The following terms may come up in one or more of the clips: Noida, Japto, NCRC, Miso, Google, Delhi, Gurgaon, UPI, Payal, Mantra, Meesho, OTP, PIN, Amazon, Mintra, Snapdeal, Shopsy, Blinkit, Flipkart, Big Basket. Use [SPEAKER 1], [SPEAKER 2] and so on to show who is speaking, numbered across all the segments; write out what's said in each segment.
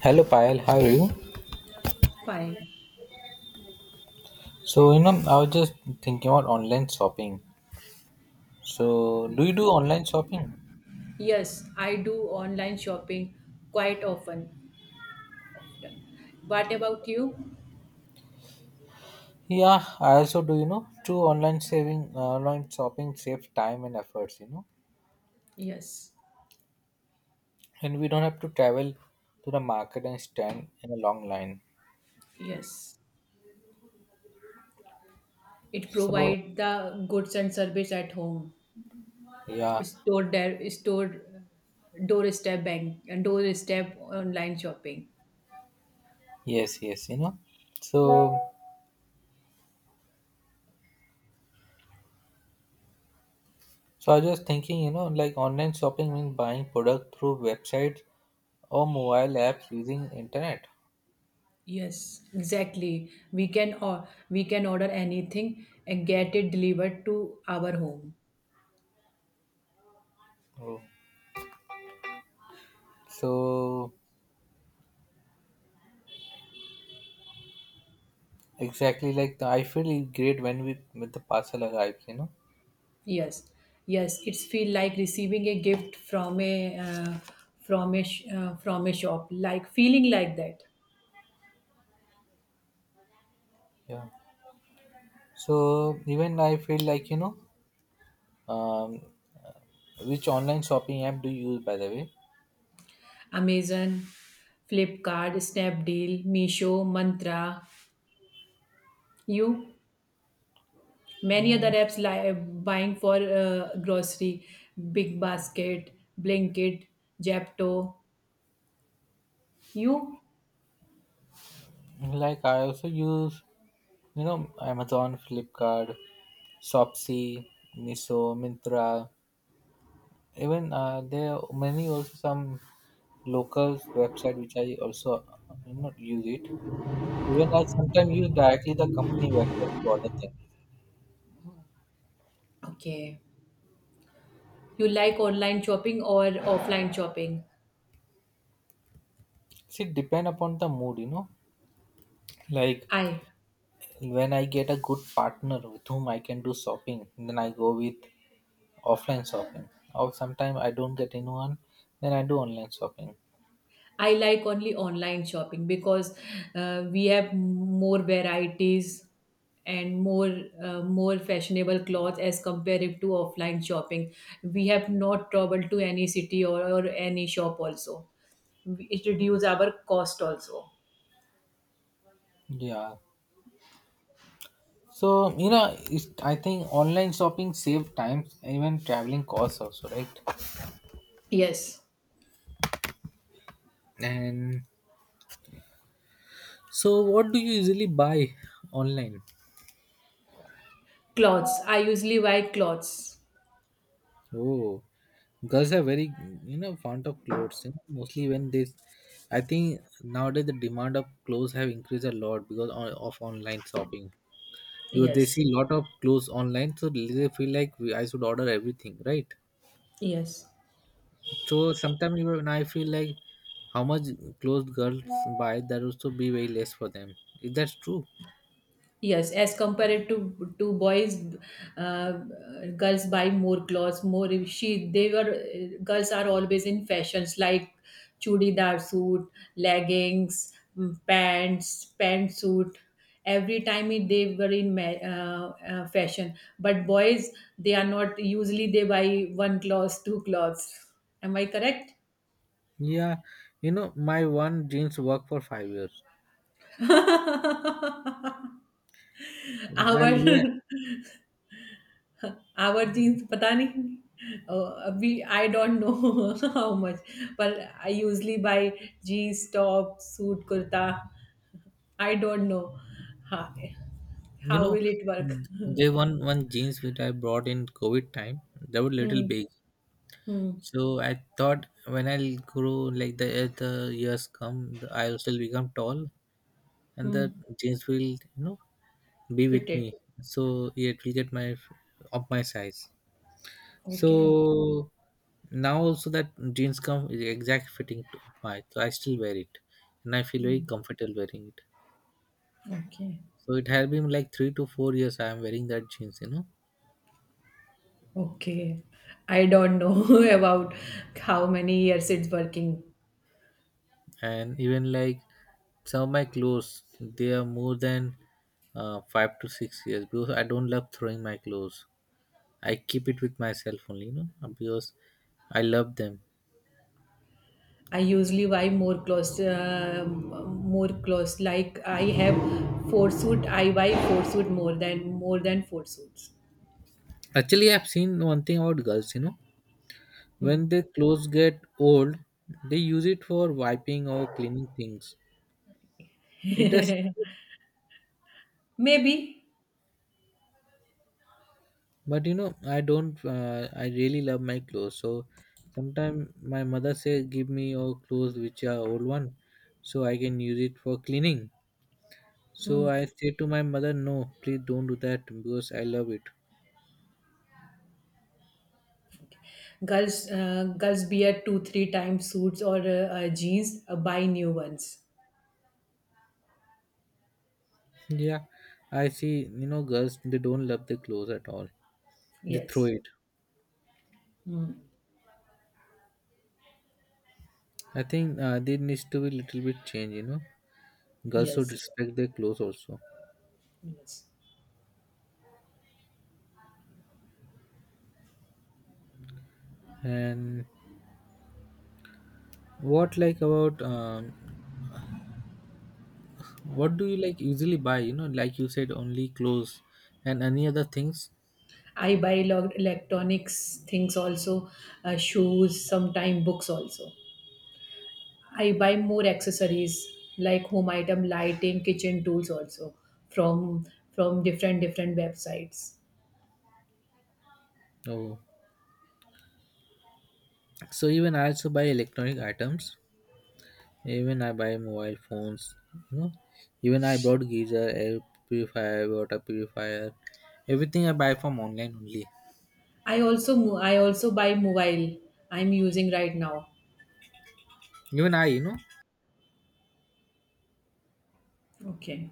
[SPEAKER 1] Hello Payal, how are you?
[SPEAKER 2] Fine.
[SPEAKER 1] So you know, I was just thinking about online shopping. So
[SPEAKER 2] Yeah.
[SPEAKER 1] do you do online shopping?
[SPEAKER 2] Yes, I do online shopping quite often. Often. What about you?
[SPEAKER 1] Yeah, I also do. You know, true online saving, online shopping saves time and efforts. You know,
[SPEAKER 2] Yes.
[SPEAKER 1] and we don't have to travel to the market and stand in a long line.
[SPEAKER 2] Yes. It
[SPEAKER 1] So
[SPEAKER 2] provide the goods and service at home.
[SPEAKER 1] yeah,
[SPEAKER 2] Store there, store doorstep bank and doorstep online shopping.
[SPEAKER 1] yes, yes. You know, so so I was just thinking. You know, like online shopping means buying product through websites or mobile apps using internet.
[SPEAKER 2] Yes, exactly. We can order anything and get it delivered to our home.
[SPEAKER 1] Oh. So exactly, like I feel great when we when the parcel arrives, you know.
[SPEAKER 2] Yes, yes, it's feel like receiving a gift from a sh- from a shop, like feeling like that.
[SPEAKER 1] Yeah. So even I feel like you know, um, which online shopping app do you use by the way?
[SPEAKER 2] Amazon, Flipkart, Snapdeal, Meesho, Mantra, you many other
[SPEAKER 1] Mm,
[SPEAKER 2] apps like buying for grocery, Big Basket, Blinkit, Japto. You
[SPEAKER 1] like I also use, you know, Amazon, Flipkart, Shopsy, Miso, Mintra. Even there are many also some local website which I also you know use it. Even I sometimes use directly the company website to order things.
[SPEAKER 2] Okay? You like online shopping or offline shopping?
[SPEAKER 1] See, depend upon the mood, you know. Like
[SPEAKER 2] I
[SPEAKER 1] when I get a good partner with whom I can do shopping, then I go with offline shopping. Or sometimes I don't get anyone, then I do online shopping.
[SPEAKER 2] I like only online shopping because we have more varieties and more fashionable clothes as compared to offline shopping. We have not traveled to any city or any shop also. It reduces our cost also.
[SPEAKER 1] Yeah. So you know, I think online shopping save time, even traveling costs also, right?
[SPEAKER 2] Yes.
[SPEAKER 1] And so, what do you usually buy online?
[SPEAKER 2] Clothes. I usually buy clothes.
[SPEAKER 1] Oh, girls are very you know fond of clothes. You Mostly when they, I think nowadays the demand of clothes have increased a lot because of online shopping. Because they
[SPEAKER 2] Yes.
[SPEAKER 1] see a lot of clothes online, so they feel like I should order everything, right?
[SPEAKER 2] Yes.
[SPEAKER 1] So sometimes even I feel like how much clothes girls buy, that also be very less for them. Is that true,
[SPEAKER 2] Yes, as compared to boys, uh, girls buy more clothes. More she they were girls are always in fashions like chudidar suit, leggings, pants, pantsuit. Every time they were in fashion, but boys they are not. Usually they buy one clothes, two clothes. Am I correct?
[SPEAKER 1] yeah, you know my one jeans work for 5 years.
[SPEAKER 2] Our
[SPEAKER 1] I'll wear.
[SPEAKER 2] Our jeans, I don't know how much. But I usually buy jeans, tops, suit, kurta. I don't know. How
[SPEAKER 1] You know,
[SPEAKER 2] will it work?
[SPEAKER 1] there one jeans which I brought in COVID time. They were little
[SPEAKER 2] Hmm.
[SPEAKER 1] big,
[SPEAKER 2] Hmm.
[SPEAKER 1] so I thought when I'll grow like the as the years come, I'll still become tall, and
[SPEAKER 2] Hmm.
[SPEAKER 1] the jeans will you know be
[SPEAKER 2] Fit
[SPEAKER 1] with
[SPEAKER 2] it.
[SPEAKER 1] me. So yeah, it will get my of my size.
[SPEAKER 2] Okay.
[SPEAKER 1] So now also that jeans come is the exact fitting to my, so I still wear it, and I feel very comfortable wearing it.
[SPEAKER 2] Okay.
[SPEAKER 1] So it has been like 3 to 4 years I am wearing that jeans, you know.
[SPEAKER 2] Okay. I don't know about how many years it's working.
[SPEAKER 1] And even like some of my clothes they are more than 5 to 6 years because I don't love throwing my clothes. I keep it with myself only you know because I love them.
[SPEAKER 2] I usually buy more clothes. Like I have four suit. I buy four suit more than four suits.
[SPEAKER 1] Actually I've seen one thing about girls you know,
[SPEAKER 2] Hmm.
[SPEAKER 1] when their clothes get old they use it for wiping or cleaning things. It does.
[SPEAKER 2] Maybe
[SPEAKER 1] But you know, I don't. I really love my clothes. So sometimes my mother says, "Give me your clothes, which are old one, so I can use it for cleaning." So I say to my mother, "No, please don't do that because I love it."
[SPEAKER 2] girls wear two three times suits or jeans. Buy new ones.
[SPEAKER 1] Yeah, I see. You know, girls they don't love their clothes at all. They throw
[SPEAKER 2] Yes.
[SPEAKER 1] it.
[SPEAKER 2] Hmm.
[SPEAKER 1] I think there needs to be little bit change. You know, girls should
[SPEAKER 2] Yes.
[SPEAKER 1] respect their clothes also.
[SPEAKER 2] Yes.
[SPEAKER 1] And what like about what do you like usually buy? You know, like you said, only clothes and any other things.
[SPEAKER 2] I buy electronics things also, shoes, sometime books also. I buy more accessories like home item, lighting, kitchen tools also from from different different websites.
[SPEAKER 1] Oh, so even I also buy electronic items. Even I buy mobile phones. You know, even I bought geyser, air purifier, water purifier. Everything I buy from online only.
[SPEAKER 2] I also buy mobile. I'm using right now.
[SPEAKER 1] Even I, you know,
[SPEAKER 2] Okay.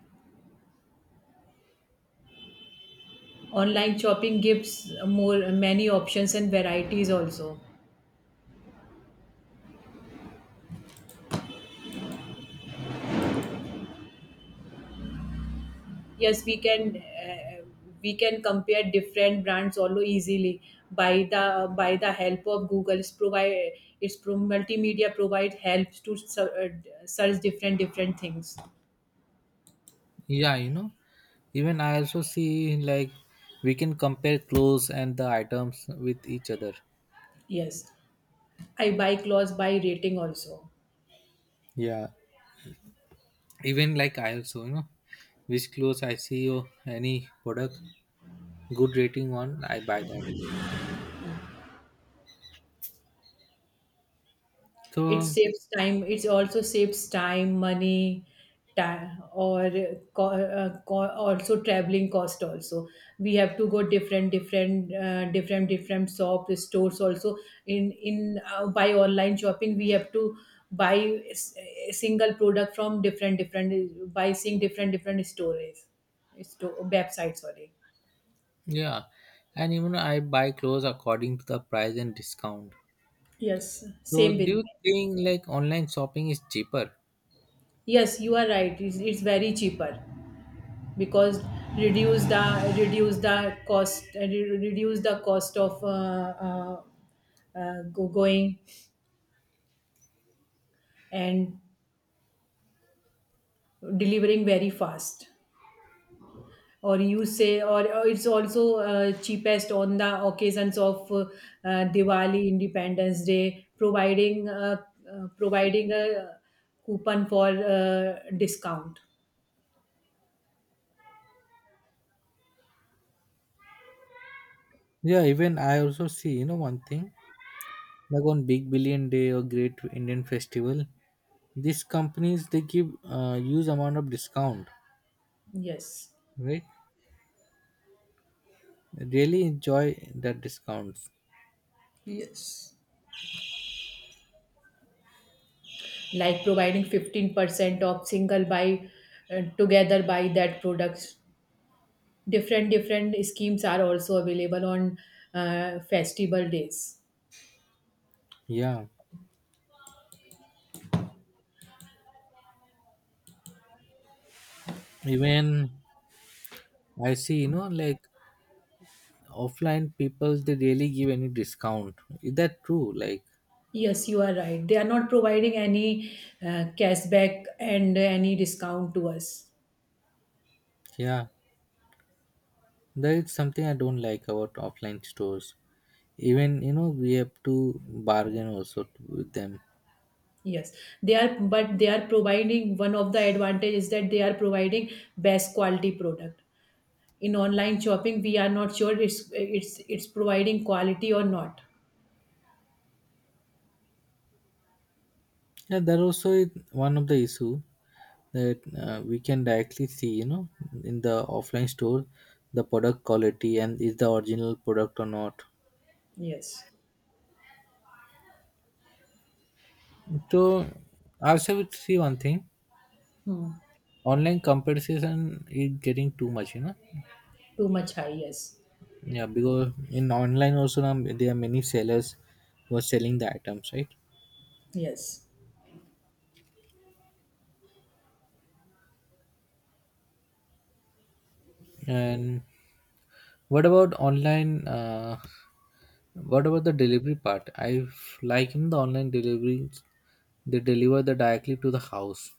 [SPEAKER 2] Online shopping gives more many options and varieties also. Yes, we can compare different brands also easily by the help of Google. It's provide multimedia provide helps to search different different things.
[SPEAKER 1] yeah, you know. Even I also see like we can compare clothes and the items with each other.
[SPEAKER 2] Yes, I buy clothes by rating also.
[SPEAKER 1] Yeah, even like I also, you know, which clothes I see or any product good rating one I buy that
[SPEAKER 2] It
[SPEAKER 1] so
[SPEAKER 2] saves time. It also saves time, money, time, or also traveling cost also. We have to go different, different, different, different shop stores also. In by online shopping, we have to buy a single product from different, different by seeing different, different store websites. Sorry.
[SPEAKER 1] yeah. And even I buy clothes according to the price and discount.
[SPEAKER 2] Yes,
[SPEAKER 1] So
[SPEAKER 2] same
[SPEAKER 1] do
[SPEAKER 2] with me.
[SPEAKER 1] you think like online shopping is cheaper?
[SPEAKER 2] Yes, you are right. It's very cheaper. Because reduce the cost of uh, going and delivering very fast, or you say or it's also cheapest on the occasions of Diwali, Independence Day, providing providing a coupon for discount.
[SPEAKER 1] Yeah, even I also see you know one thing like on big billion day or great Indian festival these companies they give huge amount of discount,
[SPEAKER 2] Yes,
[SPEAKER 1] right? Really enjoy that discounts.
[SPEAKER 2] like providing 15% of single buy, together buy that products. Different different schemes are also available on festival days.
[SPEAKER 1] Yeah, even I see you know like offline people they really give any discount. Is that true like?
[SPEAKER 2] Yes, you are right, they are not providing any cashback and any discount to us.
[SPEAKER 1] Yeah, that is something I don't like about offline stores. Even you know we have to bargain also with them.
[SPEAKER 2] Yes, they are, but they are providing one of the advantage is that they are providing best quality product. In online shopping we are not sure it's providing quality or not.
[SPEAKER 1] Yeah, that also is one of the issue that we can directly see you know in the offline store the product quality and is the original product or not.
[SPEAKER 2] Yes.
[SPEAKER 1] So also we see one thing,
[SPEAKER 2] Hmm.
[SPEAKER 1] online comparison is getting too much you know.
[SPEAKER 2] Too much high. Yes.
[SPEAKER 1] Yeah, because in online also now there are many sellers who are selling the items, right?
[SPEAKER 2] Yes.
[SPEAKER 1] And what about online? What about the delivery part? I Like in the online delivery, they deliver the directly to the house.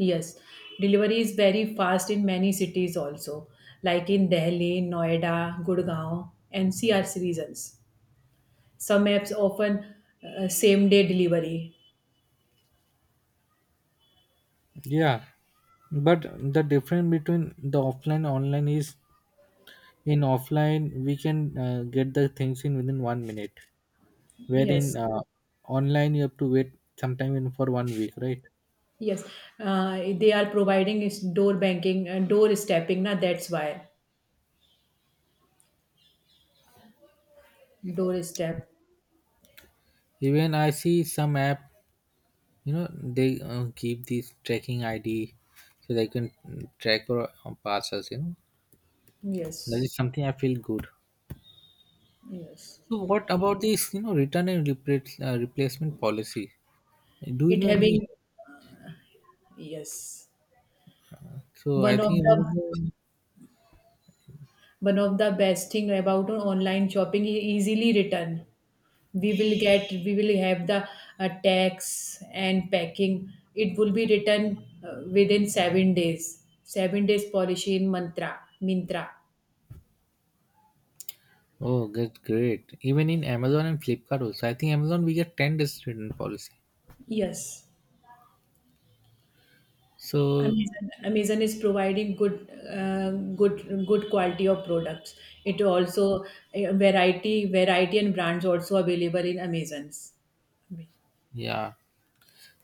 [SPEAKER 2] Yes, delivery is very fast in many cities also, like in Delhi, Noida, Gurgaon, NCRC regions. Some apps often same day delivery.
[SPEAKER 1] Yeah, but the difference between the offline and online is in offline we can get the things in within 1 minute, wherein
[SPEAKER 2] Yes,
[SPEAKER 1] online you have to wait sometime in for 1 week, right?
[SPEAKER 2] yes, they are providing is door banking and door stepping. Now that's why door step.
[SPEAKER 1] Even I see some app. You know, they keep these tracking ID so they can mm, track our parcels, you know. That
[SPEAKER 2] Yes,
[SPEAKER 1] is something I feel good.
[SPEAKER 2] yes.
[SPEAKER 1] So what about this, you know, return and replacement policy? Do you
[SPEAKER 2] It
[SPEAKER 1] know any?
[SPEAKER 2] having. Yes,
[SPEAKER 1] So I
[SPEAKER 2] one of
[SPEAKER 1] think one of
[SPEAKER 2] the
[SPEAKER 1] the
[SPEAKER 2] one of the best thing about online shopping is easily return. We will have the tax and packing. It will be written within 7 days policy in Mantra Mintra.
[SPEAKER 1] oh, that's great. Even in Amazon and Flipkart also, I think Amazon we get 10 days return policy.
[SPEAKER 2] Yes,
[SPEAKER 1] So
[SPEAKER 2] Amazon is providing good good quality of products. It also variety variety and brands also available in Amazon's.
[SPEAKER 1] yeah,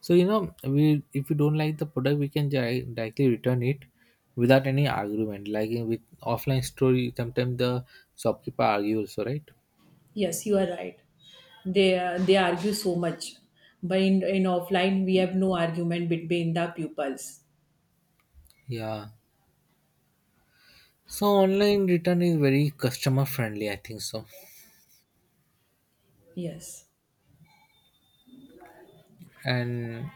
[SPEAKER 1] so you know, we if we don't like the product, we can directly return it without any argument. Like in with offline store, you- sometimes the shopkeeper argues also, right?
[SPEAKER 2] Yes, you are right, they argue so much, but in offline we have no argument between the pupils.
[SPEAKER 1] Yeah. So online return is very customer friendly, I think so.
[SPEAKER 2] Yes,
[SPEAKER 1] And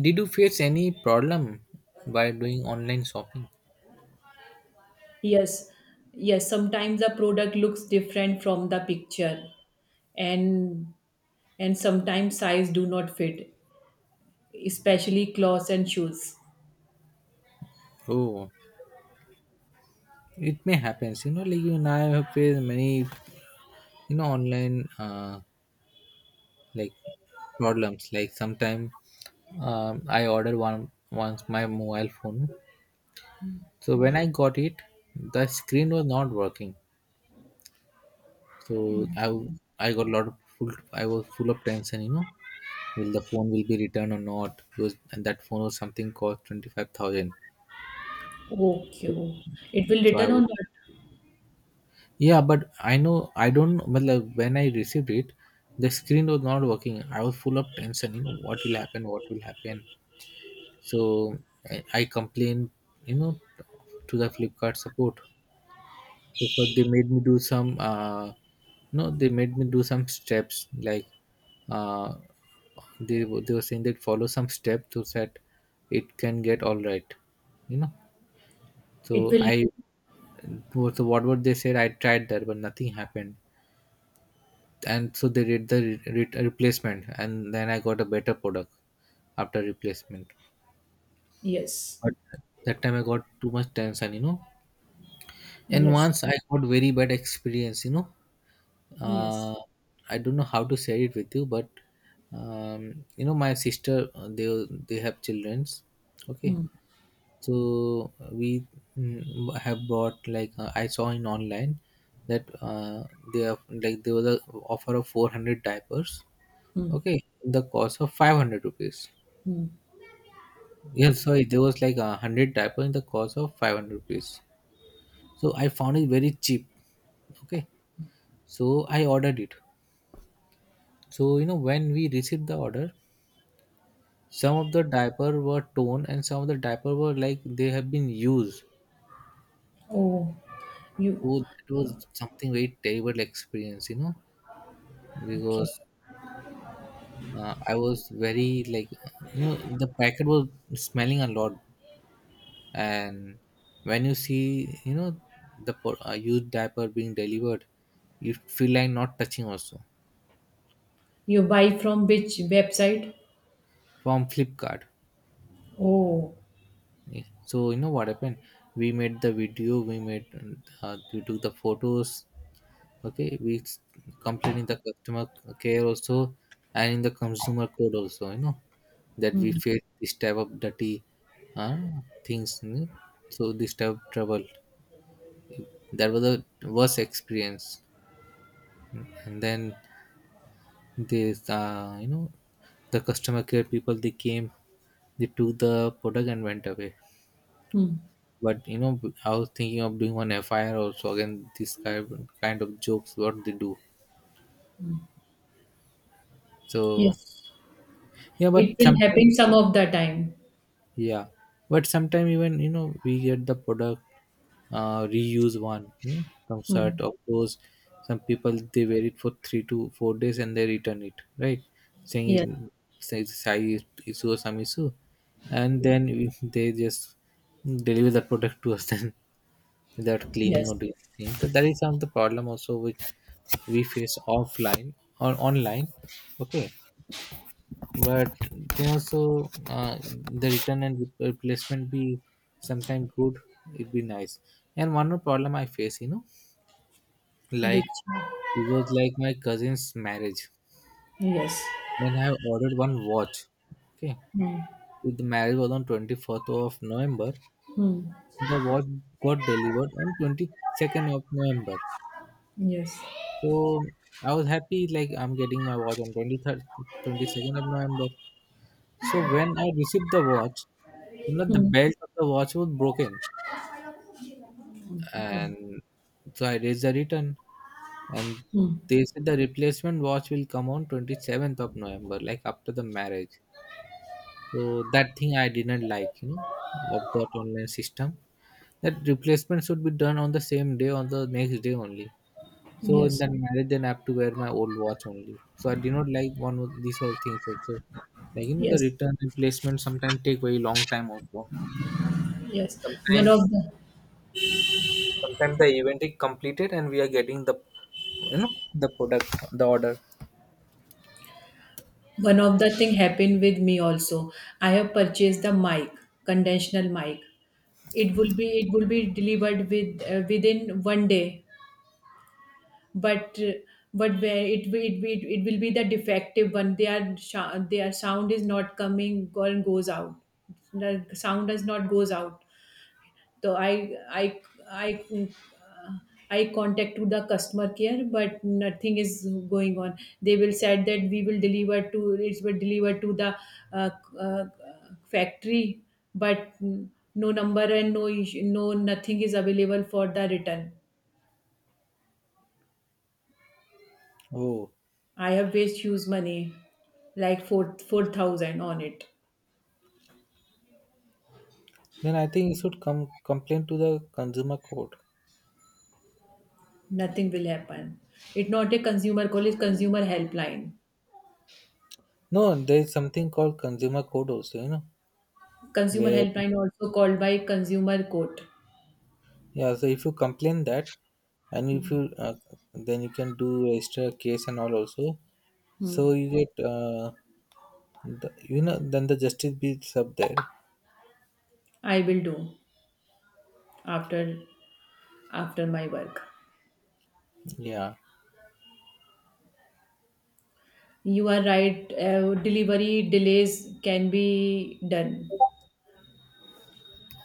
[SPEAKER 1] did you face any problem by doing online shopping?
[SPEAKER 2] yes, yes. Sometimes the product looks different from the picture, and and sometimes size do not fit, especially clothes and shoes.
[SPEAKER 1] Oh, it may happen. You know, like you and I have faced many, you know, online like problems. Like sometimes I ordered one once my mobile phone. So when I got it, the screen was not working. So I got a lot of full. I was full of tension. You know, will the phone will be returned or not? Because and that phone was something cost 25,000.
[SPEAKER 2] Okay,
[SPEAKER 1] So,
[SPEAKER 2] oh. It will
[SPEAKER 1] so I
[SPEAKER 2] return or
[SPEAKER 1] was
[SPEAKER 2] not?
[SPEAKER 1] yeah, but I know I don't know, but like when I received it, the screen was not working. I was full of tension. You know what will happen? What will happen? So I complained. You know to the Flipkart support. So first they made me do some no, they made me do some steps like uh they were saying that follow some steps so that it can get all right. You know?
[SPEAKER 2] It
[SPEAKER 1] So
[SPEAKER 2] will.
[SPEAKER 1] I, so what they said I tried that but nothing happened. And so they did the replacement and then I got a better product after replacement.
[SPEAKER 2] Yes,
[SPEAKER 1] But that time I got too much tension, you know. And
[SPEAKER 2] yes,
[SPEAKER 1] once I got very bad experience, you know.
[SPEAKER 2] yes.
[SPEAKER 1] uh, I don't know how to share it with you, but you know, my sister they have childrens. Okay, so we mm, have bought like I saw in online that they have like there was a offer of 400 diapers. Okay, in the cost of 500 rupees. Yeah, sorry, there was like 100 diaper in the cost of 500 rupees. So I found it very cheap. Okay, so I ordered it. So you know when we received the order, some of the diaper were torn, and some of the diaper were like they have been used.
[SPEAKER 2] Oh, you
[SPEAKER 1] So that was something very terrible experience, you know,
[SPEAKER 2] okay?
[SPEAKER 1] because I was very like, you know, the packet was smelling a lot, and when you see, you know, the used diaper being delivered, you feel like not touching also.
[SPEAKER 2] You buy from which website?
[SPEAKER 1] From Flipkart.
[SPEAKER 2] Oh,
[SPEAKER 1] Yeah. So you know what happened? We made, we took the photos, okay complain in the customer care also and in the consumer code also you know that we face this type of dirty uh, things you know. So this type of trouble, that was the worst experience. And then this the customer care people, they came, they took the product and went away. But you know, I was thinking of doing one FIR also again, this kind of jokes what they do. So
[SPEAKER 2] yes.
[SPEAKER 1] yeah,
[SPEAKER 2] It
[SPEAKER 1] but
[SPEAKER 2] will
[SPEAKER 1] sometimes
[SPEAKER 2] happen some of the time.
[SPEAKER 1] yeah, but sometimes even you know, we get the product, reuse one, you know, some shirt
[SPEAKER 2] Hmm.
[SPEAKER 1] or clothes. Some people they wear it for 3 to 4 days and they return it, right, saying
[SPEAKER 2] Yes,
[SPEAKER 1] say it's a size issue or some issue. And then they just deliver the product to us then without cleaning or
[SPEAKER 2] yes.
[SPEAKER 1] doing anything. So that is some of the problem also which we face offline or online. Okay, but they also the return and replacement be sometimes good, it be nice. And one more problem I face, you know, like it
[SPEAKER 2] Which?
[SPEAKER 1] was like my cousin's marriage
[SPEAKER 2] Yes.
[SPEAKER 1] and I ordered one watch. Okay, the marriage was on 24th of November, the watch got delivered on 22nd of November.
[SPEAKER 2] Yes.
[SPEAKER 1] So I was happy like I'm getting my watch on 23rd 22nd of November. So when I received the watch, you know, the
[SPEAKER 2] Hmm.
[SPEAKER 1] belt of the watch was broken, and so I raised a return, and
[SPEAKER 2] Hmm.
[SPEAKER 1] they said the replacement watch will come on 27th of November, like after the marriage. So that thing I didn't like, you know, of that online system. That replacement should be done on the same day, on the next day only. So in
[SPEAKER 2] Yes.
[SPEAKER 1] that marriage, then I have to wear my old watch only. So I did not like one of these all things also. Like you know, the
[SPEAKER 2] Yes.
[SPEAKER 1] return replacement sometimes take very long time also.
[SPEAKER 2] Yes. One
[SPEAKER 1] Sometimes
[SPEAKER 2] of the
[SPEAKER 1] Sometimes the event is completed and we are getting the, you know, the product, the order.
[SPEAKER 2] one of the thing happened with me also. I have purchased the mic, conventional mic. It will be delivered within 1 day, but where it will be the defective one. Their sound is not coming and goes out. The sound does not goes out. So I uh, I contact to the customer care, but nothing is going on. They will said that we will deliver to the uh, uh, factory, but no number and no nothing is available for the return.
[SPEAKER 1] Oh,
[SPEAKER 2] I have waste huge money, like four thousand on it.
[SPEAKER 1] then I think you should come complain to the consumer court.
[SPEAKER 2] Nothing will happen. It's not a consumer call; it's consumer helpline.
[SPEAKER 1] No, there is something called consumer code also, you know,
[SPEAKER 2] Consumer
[SPEAKER 1] where
[SPEAKER 2] helpline also called by consumer court.
[SPEAKER 1] yeah. So if you complain that, and if you then you can do extra case and all also.
[SPEAKER 2] Hmm.
[SPEAKER 1] So you get the, you know, then the justice beats up there.
[SPEAKER 2] I will do after after my work.
[SPEAKER 1] Yeah.
[SPEAKER 2] You are right. Delivery delays can be done.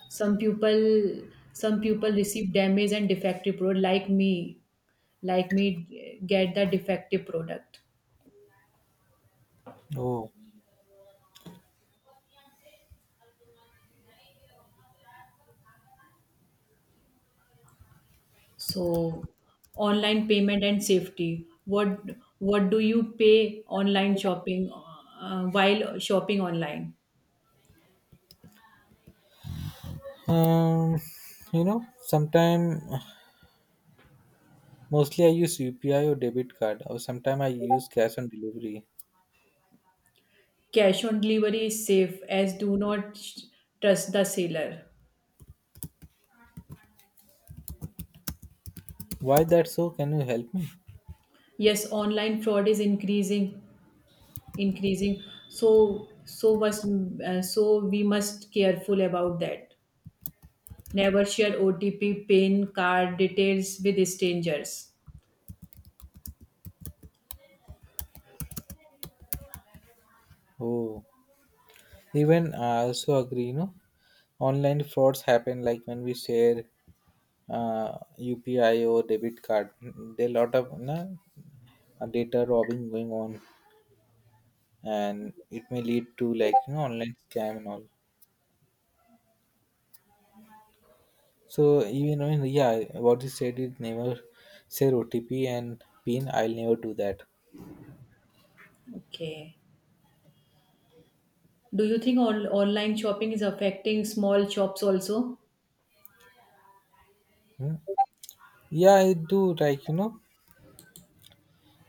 [SPEAKER 2] Some people some people receive damage and defective product like me get the defective product.
[SPEAKER 1] Oh.
[SPEAKER 2] So online payment and safety. What do you pay online shopping, while shopping online?
[SPEAKER 1] Um. You know sometime. Mostly I use UPI or debit card, or sometimes I use cash on delivery.
[SPEAKER 2] Cash on delivery is safe as do not trust the seller.
[SPEAKER 1] Why that so? Can you help me?
[SPEAKER 2] Yes, online fraud is increasing, increasing. So so must so we must careful about that. Never share OTP, PIN, card details with strangers.
[SPEAKER 1] Oh, even I also agree, you know, online frauds happen like when we share UPI or debit card. There are lot of, you know, data robbing going on, and it may lead to like, you know, online scam and all. So even when, yeah, what you said is never share OTP and PIN. I'll never do that.
[SPEAKER 2] Okay. Do you think online shopping is affecting small shops also?
[SPEAKER 1] Hmm. Yeah, I do like, you know,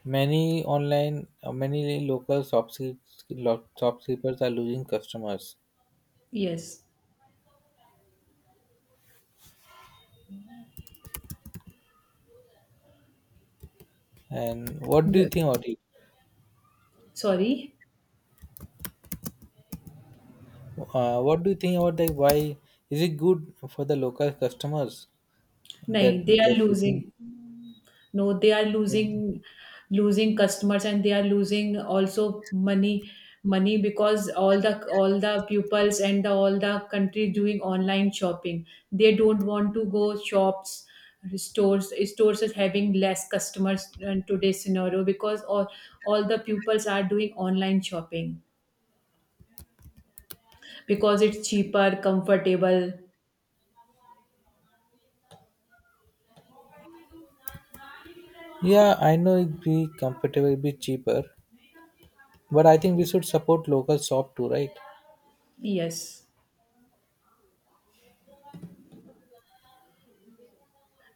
[SPEAKER 1] many online, many local shopkeepers, shopkeepers are losing customers.
[SPEAKER 2] Yes.
[SPEAKER 1] And what do you think about it?
[SPEAKER 2] Sorry.
[SPEAKER 1] What do you think about like why is it good for the local customers
[SPEAKER 2] No,
[SPEAKER 1] that
[SPEAKER 2] they are
[SPEAKER 1] they're losing?
[SPEAKER 2] losing. No, they are losing customers, and they are losing also money because all the pupils and the, all the country doing online shopping. They don't want to go shops stores stores is having less customers in today's scenario because all the pupils are doing online shopping because it's cheaper, comfortable.
[SPEAKER 1] Yeah, I know it'd be comfortable, it'd be cheaper, but I think we should support local shop too, right?
[SPEAKER 2] Yes,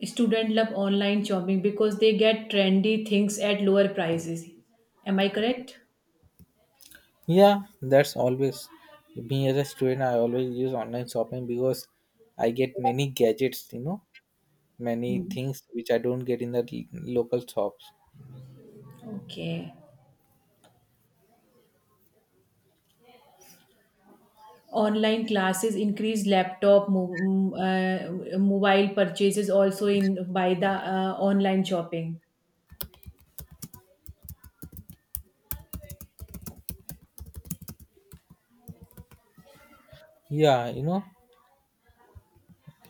[SPEAKER 2] student love online shopping because they get trendy things at lower prices. Am I correct?
[SPEAKER 1] Yeah, that's always me as a student. I always use online shopping because I get many gadgets, you know, many
[SPEAKER 2] Hmm.
[SPEAKER 1] things which I don't get in the local shops.
[SPEAKER 2] Okay. Online classes increase laptop, mobile purchases also in by the online shopping.
[SPEAKER 1] Yeah, you know,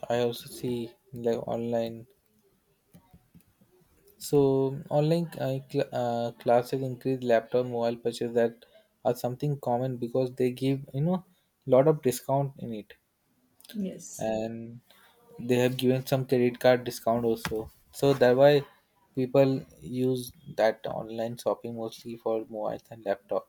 [SPEAKER 1] I also see like online. So online classes increase laptop mobile purchase, that are something common because they give, you know, lot of discount in it,
[SPEAKER 2] Yes.
[SPEAKER 1] and they have given some credit card discount also. So that why people use that online shopping mostly for mobiles and laptop.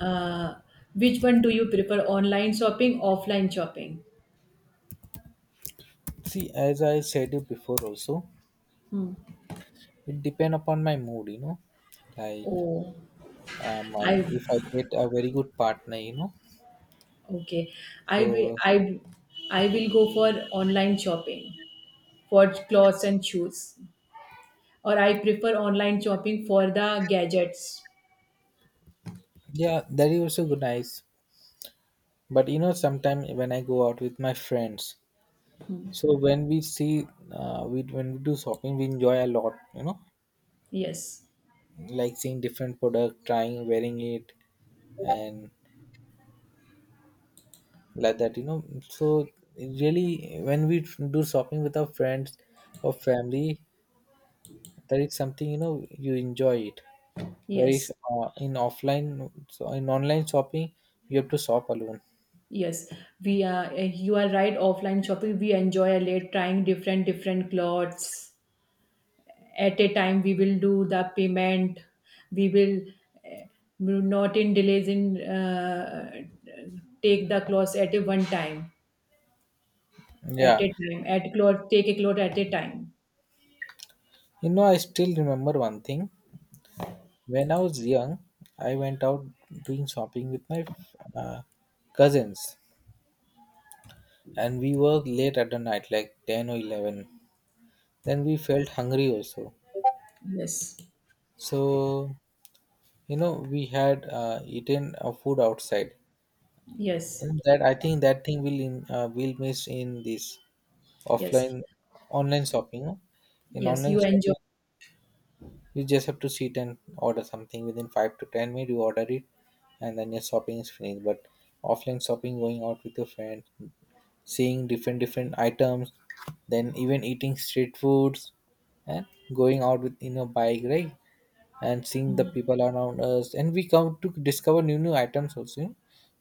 [SPEAKER 2] Uh, which one do you prefer, online shopping, offline shopping?
[SPEAKER 1] See, as I said you before also,
[SPEAKER 2] Hmm.
[SPEAKER 1] it depend upon my mood, you know. Like,
[SPEAKER 2] Oh,
[SPEAKER 1] I,
[SPEAKER 2] I
[SPEAKER 1] if I get a very good partner, you know.
[SPEAKER 2] okay. I will
[SPEAKER 1] So
[SPEAKER 2] I I will go for online shopping for clothes and shoes, or I prefer online shopping for the gadgets.
[SPEAKER 1] yeah, that is also good, nice. But you know, sometimes when I go out with my friends, so when we see, we when we do shopping, we enjoy a lot, you know,
[SPEAKER 2] Yes.
[SPEAKER 1] like seeing different product, trying, wearing it, and like that, you know. So really, when we do shopping with our friends or family, that is something you know you enjoy it. Whereas
[SPEAKER 2] Yes.
[SPEAKER 1] in offline, so in online shopping, you have to shop alone.
[SPEAKER 2] Yes, we are. You are right. Offline shopping, we enjoy a late trying different different clothes at a time. We will do the payment. We will uh, not in delays in take the clothes at a one time at
[SPEAKER 1] Yeah,
[SPEAKER 2] a time at cloth take a cloth at a time.
[SPEAKER 1] you know, I still remember one thing. When I was young, I went out doing shopping with my uh, cousins, and we were late at the night, like 10 or 11. Then we felt hungry also.
[SPEAKER 2] Yes,
[SPEAKER 1] So, you know, we had eaten food outside.
[SPEAKER 2] yes,
[SPEAKER 1] And that I think that thing will will miss in this
[SPEAKER 2] yes,
[SPEAKER 1] offline online shopping. In
[SPEAKER 2] yes.
[SPEAKER 1] online
[SPEAKER 2] You enjoy.
[SPEAKER 1] shopping, you just have to sit and order something within 5 to 10 minutes. You order it, and then your shopping is finished. But offline shopping, going out with your friends, seeing different different items, then even eating street foods, and going out with in a bike, right? And seeing the people around us, and we come to discover new new items also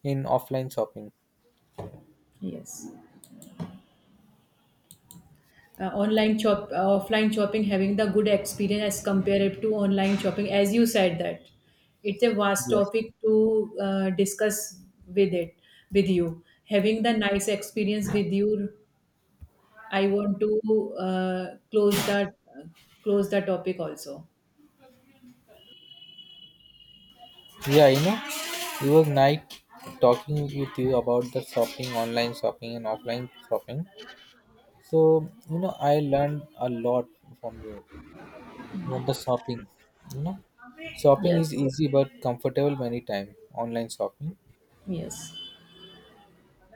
[SPEAKER 1] in offline shopping.
[SPEAKER 2] Yes. Online shop offline shopping having the good experience as compared to online shopping, as you said that it's a vast
[SPEAKER 1] Yes.
[SPEAKER 2] topic to discuss with it with you, having the nice experience with you. I want to close the topic also.
[SPEAKER 1] Yeah, you know, it was nice talking with you about the shopping, online shopping, and offline shopping. So, you know, I learned a lot from you. Not the shopping, you know. Shopping
[SPEAKER 2] Yes,
[SPEAKER 1] is easy but comfortable many times online shopping.
[SPEAKER 2] yes,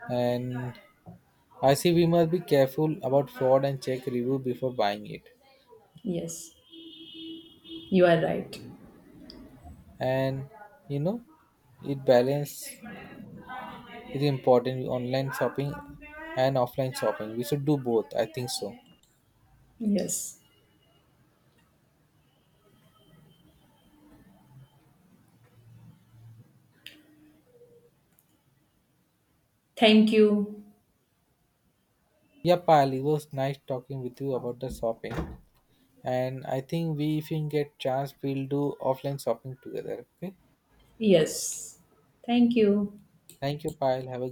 [SPEAKER 1] And I see we must be careful about fraud and check review before buying it.
[SPEAKER 2] yes, you are right.
[SPEAKER 1] And you know, it balance is important online shopping and offline shopping. We should do both, I think so.
[SPEAKER 2] Yes, thank you.
[SPEAKER 1] Yeah, pal, it was nice talking with you about the shopping. And I think we, if we get chance, we'll do offline shopping together. Okay.
[SPEAKER 2] Yes, thank you.
[SPEAKER 1] Thank you, Pyle. Have a